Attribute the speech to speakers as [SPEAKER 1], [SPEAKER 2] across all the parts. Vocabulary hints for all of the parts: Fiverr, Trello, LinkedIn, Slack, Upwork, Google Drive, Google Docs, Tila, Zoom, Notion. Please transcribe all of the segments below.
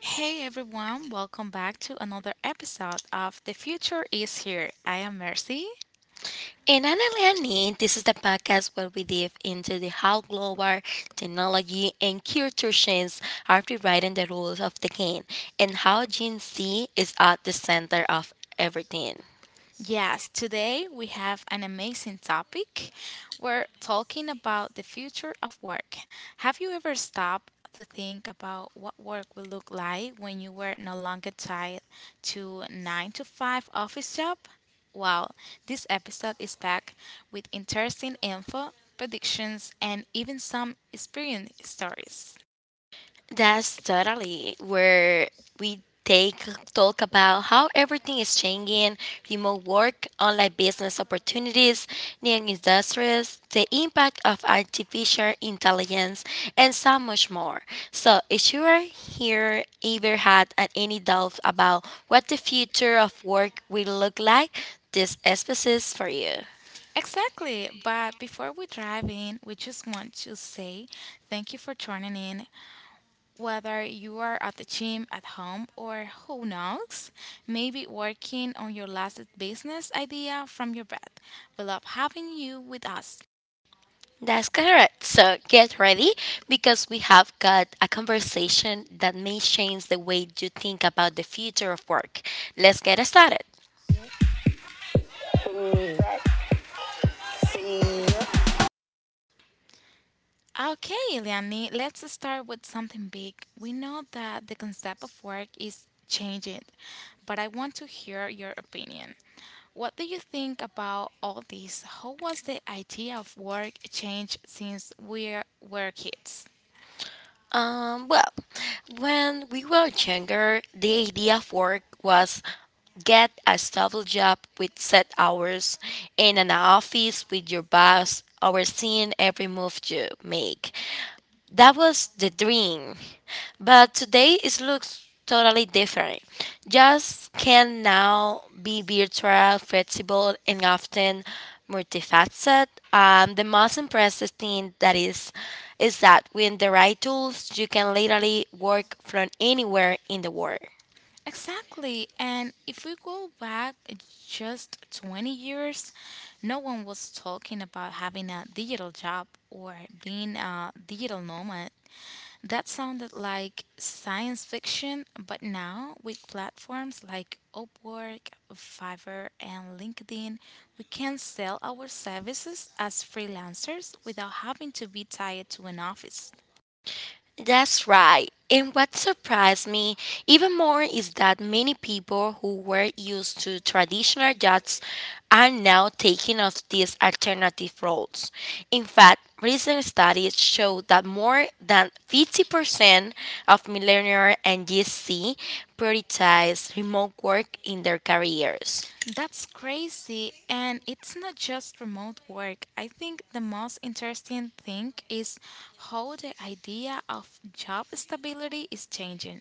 [SPEAKER 1] Hey everyone, welcome back to another episode of The Future is Here. I am Mercy.
[SPEAKER 2] In Annalie, and this is the podcast where we dive into the how global technology and culture change are rewriting the rules of the game and how Gen Z is at the center of everything.
[SPEAKER 1] Yes, today we have an amazing topic. We're talking about the future of work. Have you ever stopped to think about what work will look like when you were no longer tied to 9 to 5 office job? Well, this episode is packed with interesting info, predictions, and even some experience stories.
[SPEAKER 2] That's totally where we take talk about how everything is changing: remote work, online business opportunities, new industries, the impact of artificial intelligence, and so much more. So if you are here ever had any doubt about what the future of work will look like, this episode is for you.
[SPEAKER 1] Exactly. But before we dive in, we just want to say thank you for tuning in. Whether you are at the gym, at home, or who knows, maybe working on your last business idea from your bed. We love having you with us.
[SPEAKER 2] That's correct. So get ready because we have got a conversation that may change the way you think about the future of work. Let's get started.
[SPEAKER 1] Okay, Eliani, let's start with something big. We know that the concept of work is changing, but I want to hear your opinion. What do you think about all this? How was the idea of work changed since we were kids?
[SPEAKER 2] Well, when we were younger, the idea of work was get a stable job with set hours in an office with your boss overseeing every move you make. That was the dream. But today it looks totally different. Just can now be virtual, flexible, and often multifaceted. The most impressive thing that is that with the right tools, you can literally work from anywhere in the world.
[SPEAKER 1] Exactly, and if we go back just 20 years, no one was talking about having a digital job or being a digital nomad. That sounded like science fiction, but now with platforms like Upwork, Fiverr, and LinkedIn, we can sell our services as freelancers without having to be tied to an office.
[SPEAKER 2] That's right. And what surprised me even more is that many people who were used to traditional jobs are now taking up these alternative roles. In fact, recent studies show that more than 50% of millennials and Gen Z prioritize remote work in their careers.
[SPEAKER 1] That's crazy. And it's not just remote work. I think the most interesting thing is how the idea of job stability is changing.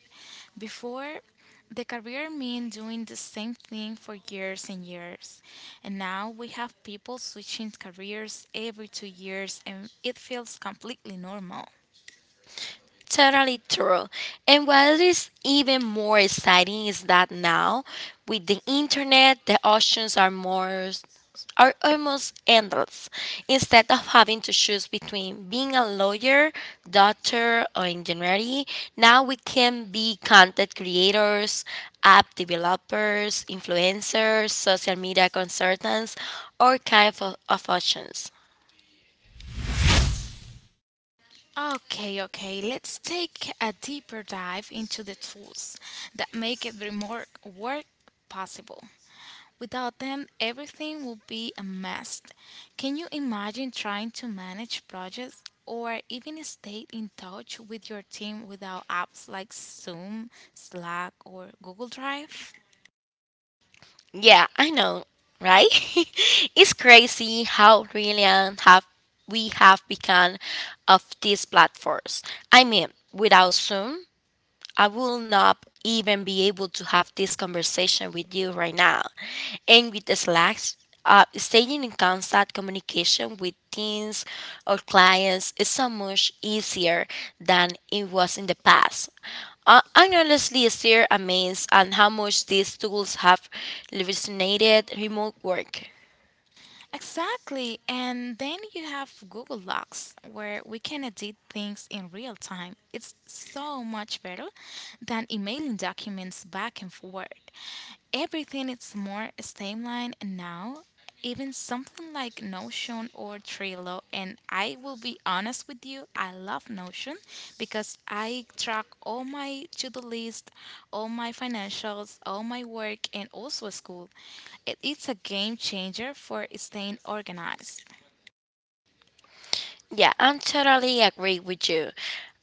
[SPEAKER 1] Before, the career meant doing the same thing for years and years. And now we have people switching careers every 2 years, and it feels completely normal.
[SPEAKER 2] Totally true. And what is even more exciting is that now, with the internet, the options are almost endless. Instead of having to choose between being a lawyer, doctor, or engineering, now we can be content creators, app developers, influencers, social media consultants, all kinds of options.
[SPEAKER 1] Okay, okay, let's take a deeper dive into the tools that make every more work possible. Without them, everything would be a mess. Can you imagine trying to manage projects or even stay in touch with your team without apps like Zoom, Slack, or Google Drive?
[SPEAKER 2] Yeah, I know, right? It's crazy how reliant have we have become of these platforms. I mean, without Zoom, I will not even be able to have this conversation with you right now. And with the slacks, staying in constant communication with teams or clients is so much easier than it was in the past. I'm honestly still amazed at how much these tools have revolutionized remote work.
[SPEAKER 1] Exactly, and then you have Google Docs where we can edit things in real time. It's so much better than emailing documents back and forth. Everything is more streamlined now, even something like Notion or Trello, and I will be honest with you, I love Notion because I track all my to do list, all my financials, all my work, and also school. It's a game changer for staying organized.
[SPEAKER 2] Yeah, I'm totally agree with you.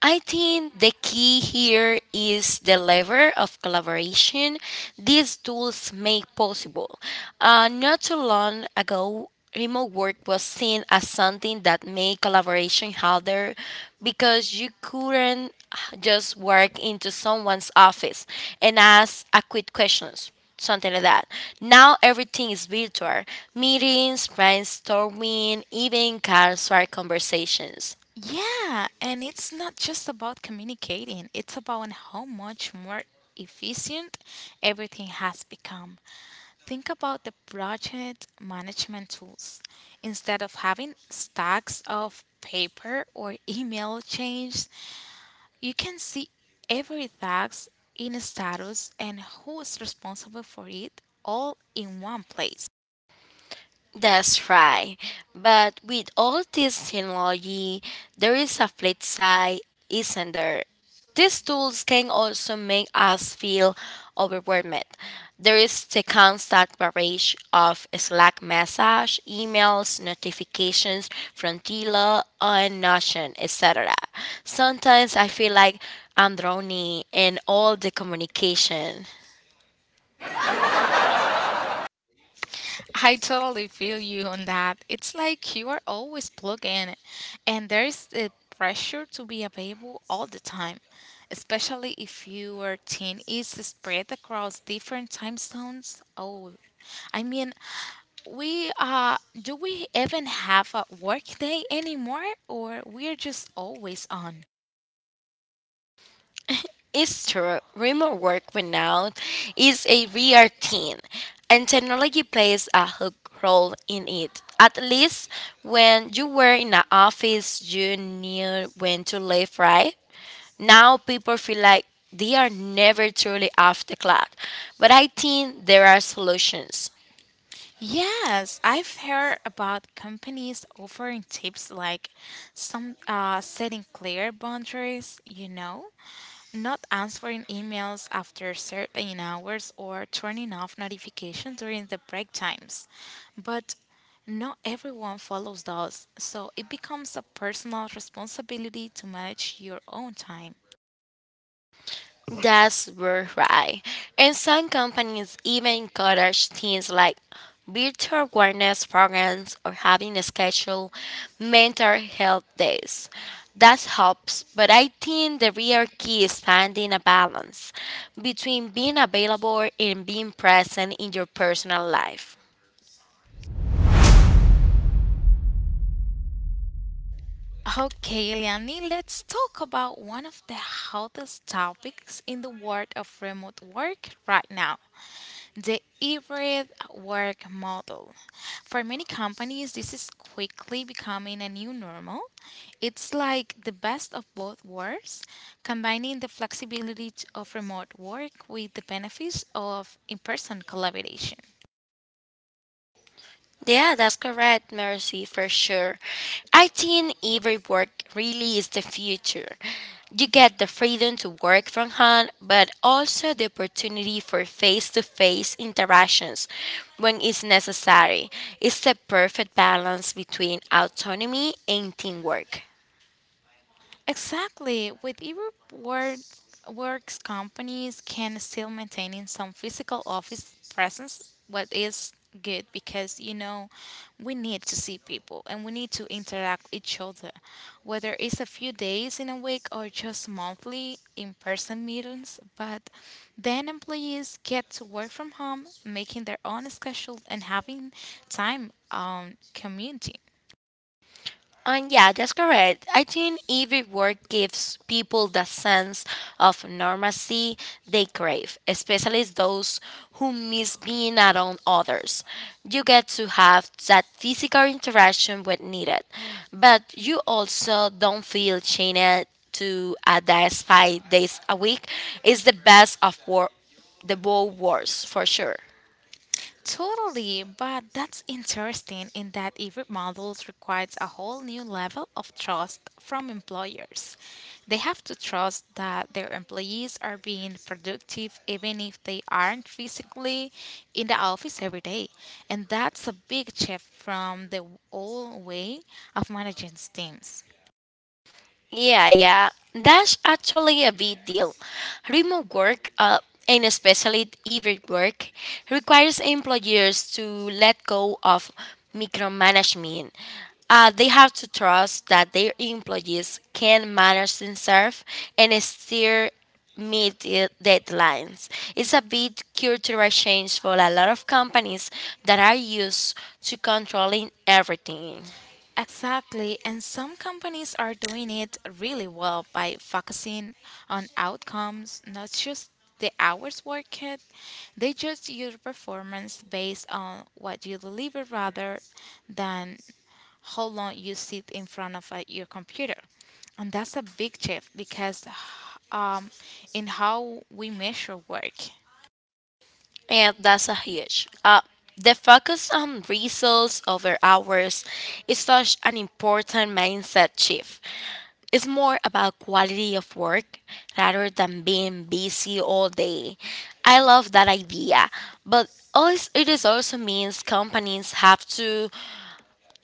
[SPEAKER 2] I think the key here is the level of collaboration these tools make possible. Not too long ago, remote work was seen as something that made collaboration harder because you couldn't just work into someone's office and ask a quick questions something like that. Now everything is virtual meetings, brainstorming, even casual conversations.
[SPEAKER 1] Yeah, and it's not just about communicating, it's about how much more efficient everything has become. Think about the project management tools. Instead of having stacks of paper or email chains, you can see every task in a status and who is responsible for it all in one place.
[SPEAKER 2] That's right. But with all this technology, there is a flip side, isn't there? These tools can also make us feel overwhelmed. There is the constant barrage of Slack messages, emails, notifications from Tila and Notion, etc. Sometimes I feel like I'm drowning in all the communication.
[SPEAKER 1] I totally feel you on that. It's like you are always plugged in, and there is the pressure to be available all the time, especially if your team is spread across different time zones. Oh, I mean, we do we even have a work day anymore, or we're just always on?
[SPEAKER 2] Easter, remote work burnout is a real thing, and technology plays a hook role in it. At least when you were in an office, you knew when to leave, right? Now people feel like they are never truly off the clock. But I think there are solutions.
[SPEAKER 1] Yes, I've heard about companies offering tips like some, setting clear boundaries, you know, not answering emails after certain hours or turning off notifications during the break times. But not everyone follows those, so it becomes a personal responsibility to manage your own time.
[SPEAKER 2] That's very right. And some companies even encourage things like virtual wellness programs or having a scheduled mental health days. That helps, but I think the real key is finding a balance between being available and being present in your personal life.
[SPEAKER 1] Okay, Eliani, let's talk about one of the hottest topics in the world of remote work right now. The hybrid work model. For many companies, this is quickly becoming a new normal. It's like the best of both worlds, combining the flexibility of remote work with the benefits of in person collaboration.
[SPEAKER 2] Yeah, that's correct, Mercy, for sure. I think every work really is the future. You get the freedom to work from home, but also the opportunity for face to face interactions when it's necessary. It's the perfect balance between autonomy and teamwork.
[SPEAKER 1] Exactly. With e-reward works, companies can still maintain some physical office presence, what is good because, you know, we need to see people and we need to interact with each other, whether it's a few days in a week or just monthly in-person meetings, but then employees get to work from home, making their own schedule and having time on community.
[SPEAKER 2] And yeah, that's correct. I think every work gives people the sense of normalcy they crave, especially those who miss being around others. You get to have that physical interaction when needed, but you also don't feel chained to a desk 5 days a week. It's the best of the both worlds for sure.
[SPEAKER 1] Totally, but that's interesting in that every model requires a whole new level of trust from employers. They have to trust that their employees are being productive even if they aren't physically in the office every day. And that's a big shift from the old way of managing teams.
[SPEAKER 2] Yeah, yeah, that's actually a big deal. Remote work, and especially hybrid work, requires employers to let go of micromanagement. They have to trust that their employees can manage themselves and still meet the deadlines. It's a big cultural change for a lot of companies that are used to controlling everything.
[SPEAKER 1] Exactly, and some companies are doing it really well by focusing on outcomes, not just the hours worked. They judge your performance based on what you deliver rather than how long you sit in front of your computer. And that's a big shift because, um, in how we measure work.
[SPEAKER 2] Yeah, that's a huge. The focus on results over hours is such an important mindset shift. It's more about quality of work rather than being busy all day. I love that idea, but it is also means companies have to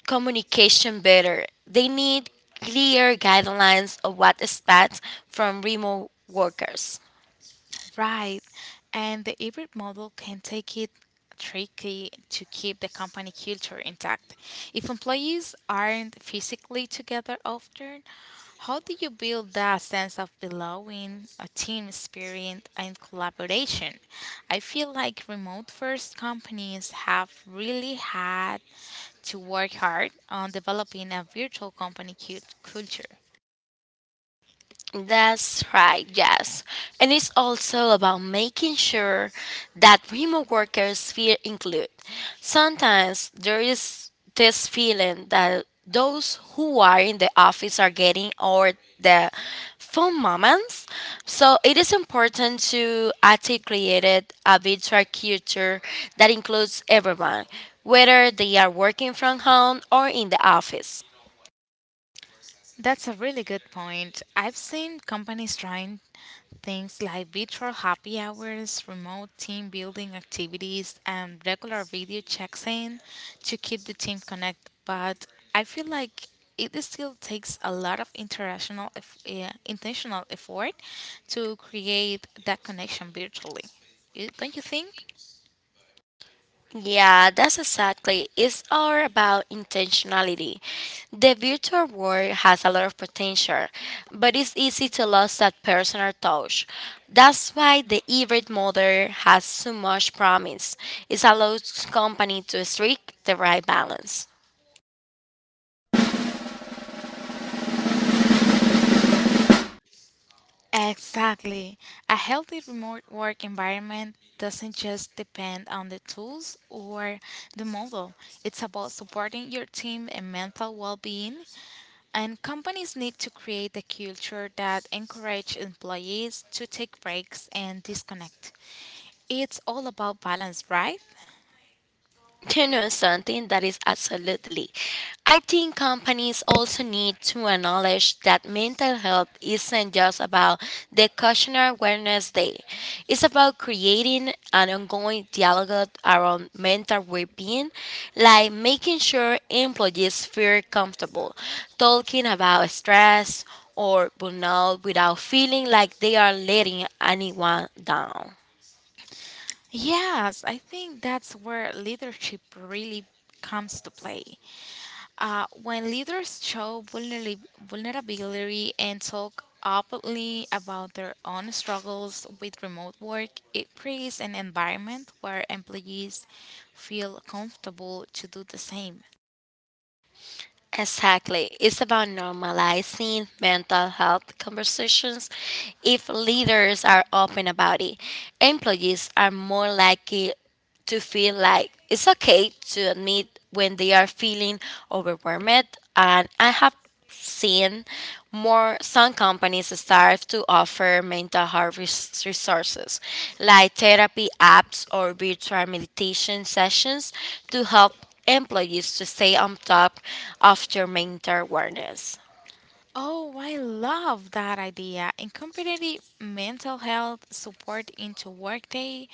[SPEAKER 2] communication better. They need clear guidelines of what expect from remote workers.
[SPEAKER 1] Right. And the hybrid model can take it tricky to keep the company culture intact. If employees aren't physically together often, how do you build that sense of belonging, a team spirit, and collaboration? I feel like remote first companies have really had to work hard on developing a virtual company culture.
[SPEAKER 2] That's right, yes. And it's also about making sure that remote workers feel included. Sometimes there is this feeling that those who are in the office are getting or the phone moments. So it is important to articulate it a virtual culture that includes everyone, whether they are working from home or in the office.
[SPEAKER 1] That's a really good point. I've seen companies trying things like virtual happy hours, remote team building activities, and regular video checks in to keep the team connected. But I feel like it still takes a lot of intentional effort to create that connection virtually. You- Don't you think?
[SPEAKER 2] Yeah, that's exactly. It's all about intentionality. The virtual world has a lot of potential, but it's easy to lose that personal touch. That's why the hybrid model has so much promise. It allows company to strike the right balance.
[SPEAKER 1] Exactly. A healthy remote work environment doesn't just depend on the tools or the model. It's about supporting your team and mental well-being. And companies need to create a culture that encourages employees to take breaks and disconnect. It's all about balance, right?
[SPEAKER 2] You know something that is absolutely. I think companies also need to acknowledge that mental health isn't just about the Cautioner Awareness Day. It's about creating an ongoing dialogue around mental well-being, like making sure employees feel comfortable talking about stress or burnout without feeling like they are letting anyone down.
[SPEAKER 1] Yes, I think that's where leadership really comes to play. When leaders show vulnerability and talk openly about their own struggles with remote work, it creates an environment where employees feel comfortable to do the same.
[SPEAKER 2] Exactly. It's about normalizing mental health conversations. If leaders are open about it, employees are more likely to feel like it's okay to admit when they are feeling overwhelmed, and I have seen, more some companies start to offer mental health resources like therapy apps or virtual meditation sessions to help employees to stay on top of their mental wellness.
[SPEAKER 1] Oh, I love that idea. Incorporating mental health support into workday,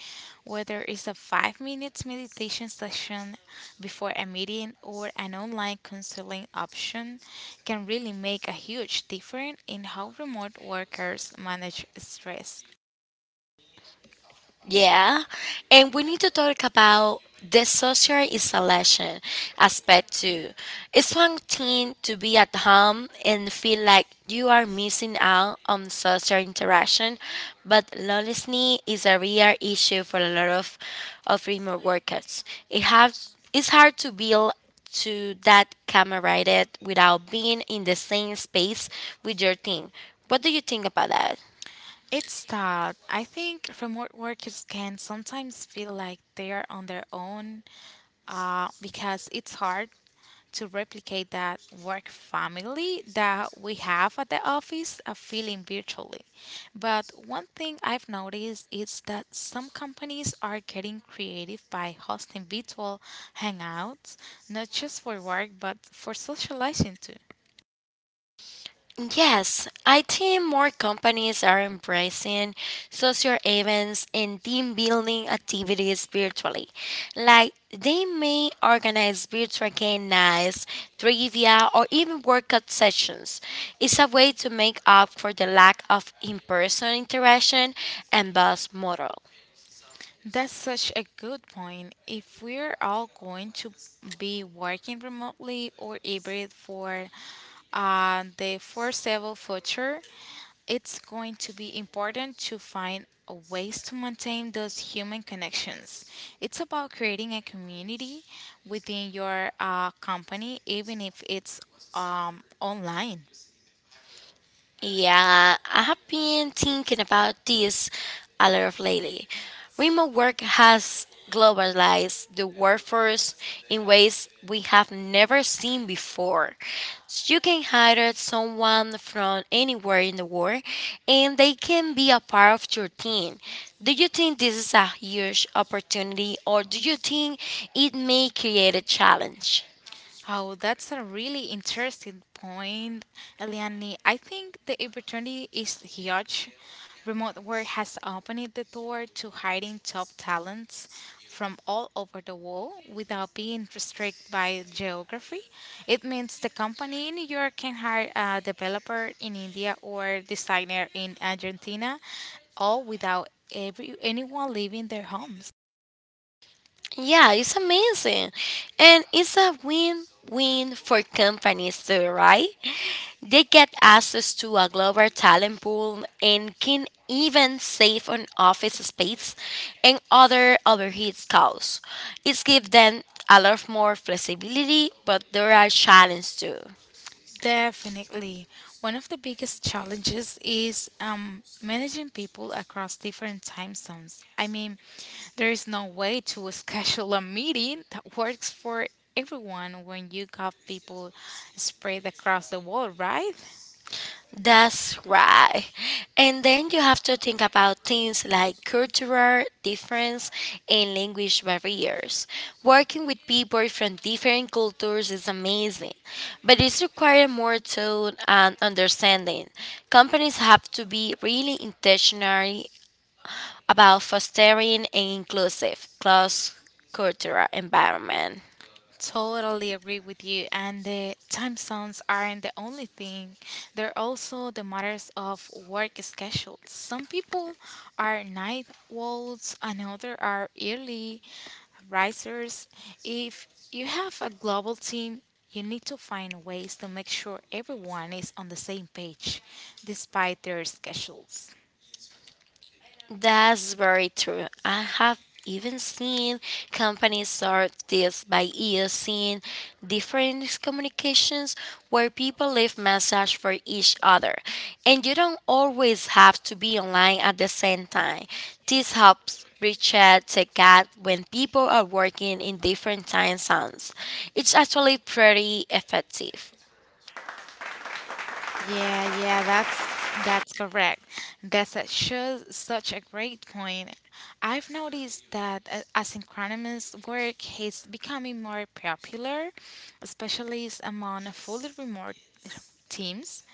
[SPEAKER 1] whether it's a 5 minutes meditation session before a meeting or an online counseling option, can really make a huge difference in how remote workers manage stress.
[SPEAKER 2] Yeah, and we need to talk about the social isolation aspect too. It's one thing to be at home and feel like you are missing out on social interaction, but loneliness is a real issue for a lot of remote workers. It has, it's hard to build to that camaraderie without being in the same space with your team. What do you think about that?
[SPEAKER 1] It's tough. I think remote workers can sometimes feel like they are on their own, because it's hard to replicate that work family that we have at the office, a feeling virtually. But one thing I've noticed is that some companies are getting creative by hosting virtual hangouts, not just for work but for socializing too.
[SPEAKER 2] Yes, I think more companies are embracing social events and team building activities virtually. Like they may organize virtual game nights, trivia, or even workout sessions. It's a way to make up for the lack of in person interaction and buzz model.
[SPEAKER 1] That's such a good point. If we're all going to be working remotely or hybrid for the foreseeable future, it's going to be important to find a ways to maintain those human connections. It's about creating a community within your company, even if it's online.
[SPEAKER 2] Yeah, I have been thinking about this a lot of lately. Remote work has globalized the workforce in ways we have never seen before. You can hire someone from anywhere in the world and they can be a part of your team. Do you think this is a huge opportunity or do you think it may create a challenge?
[SPEAKER 1] Oh, that's a really interesting point, Eliane. I think the opportunity is huge. Remote work has opened the door to hiring top talents from all over the world without being restricted by geography. It means the company in New York can hire a developer in India or designer in Argentina, all without every anyone leaving their homes.
[SPEAKER 2] Yeah, it's amazing. And it's a win win for companies too, right? They get access to a global talent pool and can even save on office space and other overhead costs. It gives them a lot more flexibility, but there are challenges too.
[SPEAKER 1] Definitely. One of the biggest challenges is managing people across different time zones. I mean, there is no way to schedule a meeting that works for everyone when you got people spread across the world, right?
[SPEAKER 2] That's right. And then you have to think about things like cultural difference and language barriers. Working with people from different cultures is amazing, but it's required more thought and understanding. Companies have to be really intentional about fostering an inclusive, cross-cultural environment.
[SPEAKER 1] Totally agree with you. And the time zones aren't the only thing, they're also the matters of work schedules. Some people are night owls, another are early risers. If you have a global team, you need to find ways to make sure everyone is on the same page despite their schedules.
[SPEAKER 2] That's very true. I have even seen companies start this by using different communications where people leave messages for each other. And you don't always have to be online at the same time. This helps Richard take out to God when people are working in different time zones. It's actually pretty effective.
[SPEAKER 1] Yeah, yeah, that's correct. That's sure such a great point. I've noticed that asynchronous work is becoming more popular, especially among fully remote teams.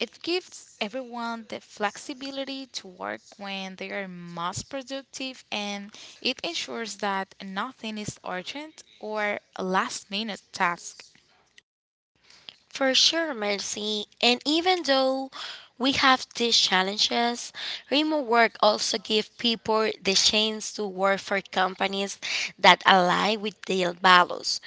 [SPEAKER 1] It gives everyone the flexibility to work when they are most productive and it ensures that nothing is urgent or a last minute task.
[SPEAKER 2] For sure, Mercy. And even though we have these challenges, remote work also gives people the chance to work for companies that align with their values.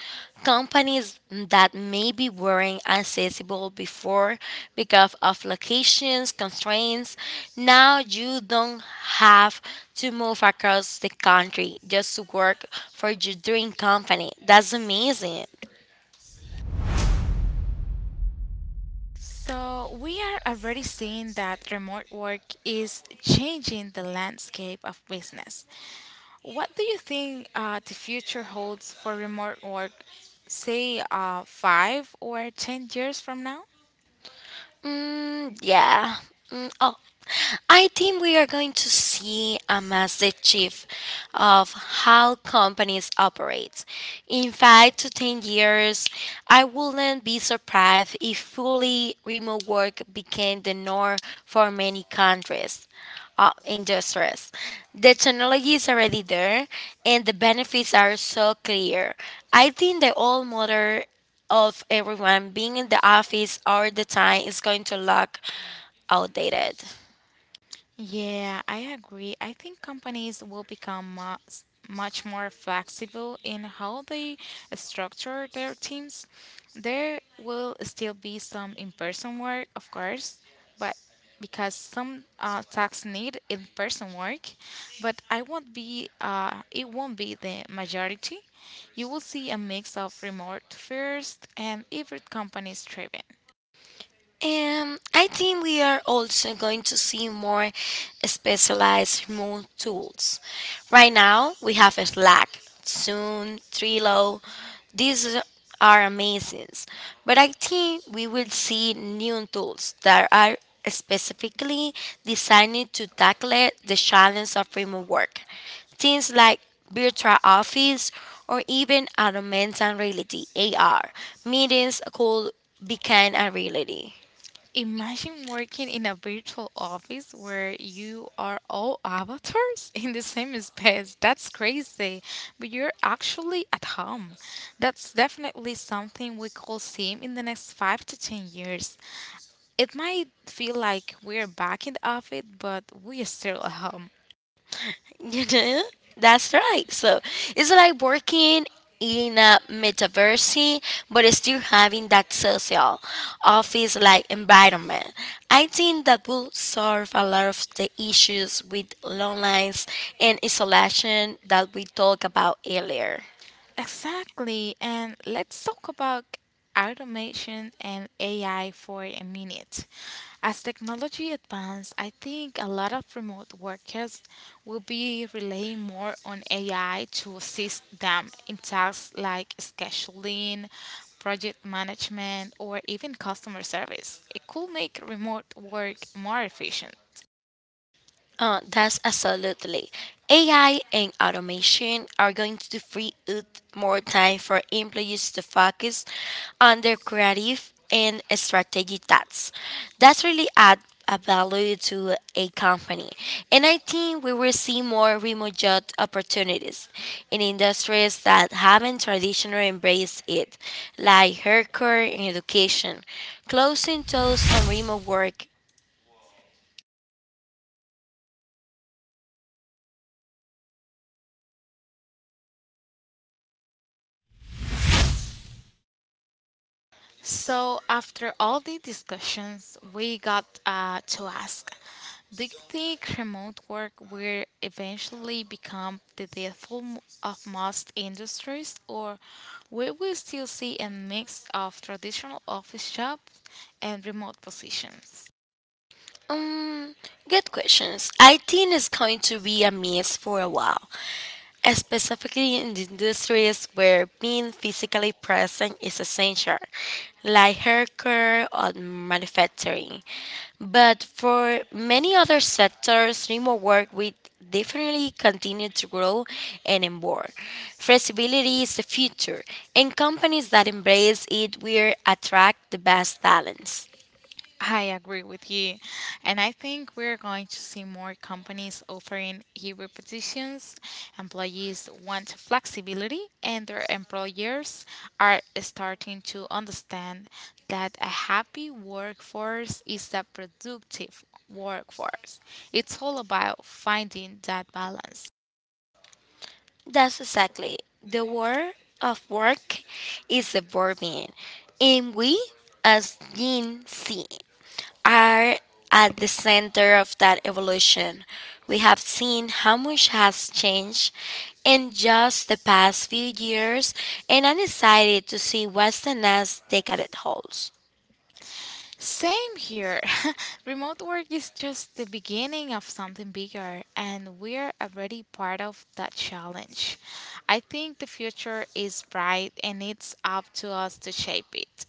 [SPEAKER 2] Companies that maybe weren't accessible before because of locations, constraints, now you don't have to move across the country just to work for your dream company. That's amazing.
[SPEAKER 1] So, we are already seeing that remote work is changing the landscape of business. What do you think the future holds for remote work, say, 5 or 10 years from now?
[SPEAKER 2] Yeah. Mm, oh, I think we are going to see a massive shift of how companies operate. In 5 to 10 years, I wouldn't be surprised if fully remote work became the norm for many countries. Industries. The technology is already there and the benefits are so clear. I think the old model of everyone being in the office all the time is going to look outdated.
[SPEAKER 1] Yeah, I agree. I think companies will become much, much more flexible in how they structure their teams. There will still be some in-person work, of course, but because some tasks need in-person work. But I won't be. It won't be the majority. You will see a mix of remote first and hybrid companies thriving.
[SPEAKER 2] I think we are also going to see more specialized remote tools. Right now, we have Slack, Zoom, Trello. These are amazing, but I think we will see new tools that are specifically designed to tackle the challenge of remote work. Things like virtual office or even augmented reality (AR) meetings could become a reality.
[SPEAKER 1] Imagine working in a virtual office where you are all avatars in the same space. That's crazy. But you're actually at home. That's definitely something we could see in the next 5 to 10 years. It might feel like we're back in the office, but we're still at home.
[SPEAKER 2] You know? That's right. So it's like working in a metaverse, but still having that social office like environment. I think that will solve a lot of the issues with long lines and isolation that we talked about earlier.
[SPEAKER 1] Exactly. And let's talk about automation and AI for a minute. As technology advances, I think a lot of remote workers will be relying more on AI to assist them in tasks like scheduling, project management, or even customer service. It could make remote work more efficient.
[SPEAKER 2] That's absolutely. AI and automation are going to free up more time for employees to focus on their creative and strategic tasks. That's really add a value to a company. And I think we will see more remote job opportunities in industries that haven't traditionally embraced it, like healthcare and education. Closing doors on remote work.
[SPEAKER 1] So, after all the discussions, we got to ask, do you think remote work will eventually become the death of most industries, or will we still see a mix of traditional office jobs and remote positions?
[SPEAKER 2] Um, Good questions. I think it's going to be a mess for a while, specifically in the industries where being physically present is essential, like healthcare or manufacturing. But for many other sectors, remote work will definitely continue to grow and evolve. Flexibility is the future, and companies that embrace it will attract the best talents.
[SPEAKER 1] I agree with you. And I think we're going to see more companies offering hybrid positions. Employees want flexibility, and their employers are starting to understand that a happy workforce is a productive workforce. It's all about finding that balance.
[SPEAKER 2] That's exactly the word of work is evolving, and we as Gen Z are at the center of that evolution. We have seen how much has changed in just the past few years, and I'm excited to see what the next decade holds.
[SPEAKER 1] Same here. Remote work is just the beginning of something bigger, and we're already part of that challenge. I think the future is bright, and it's up to us to shape it.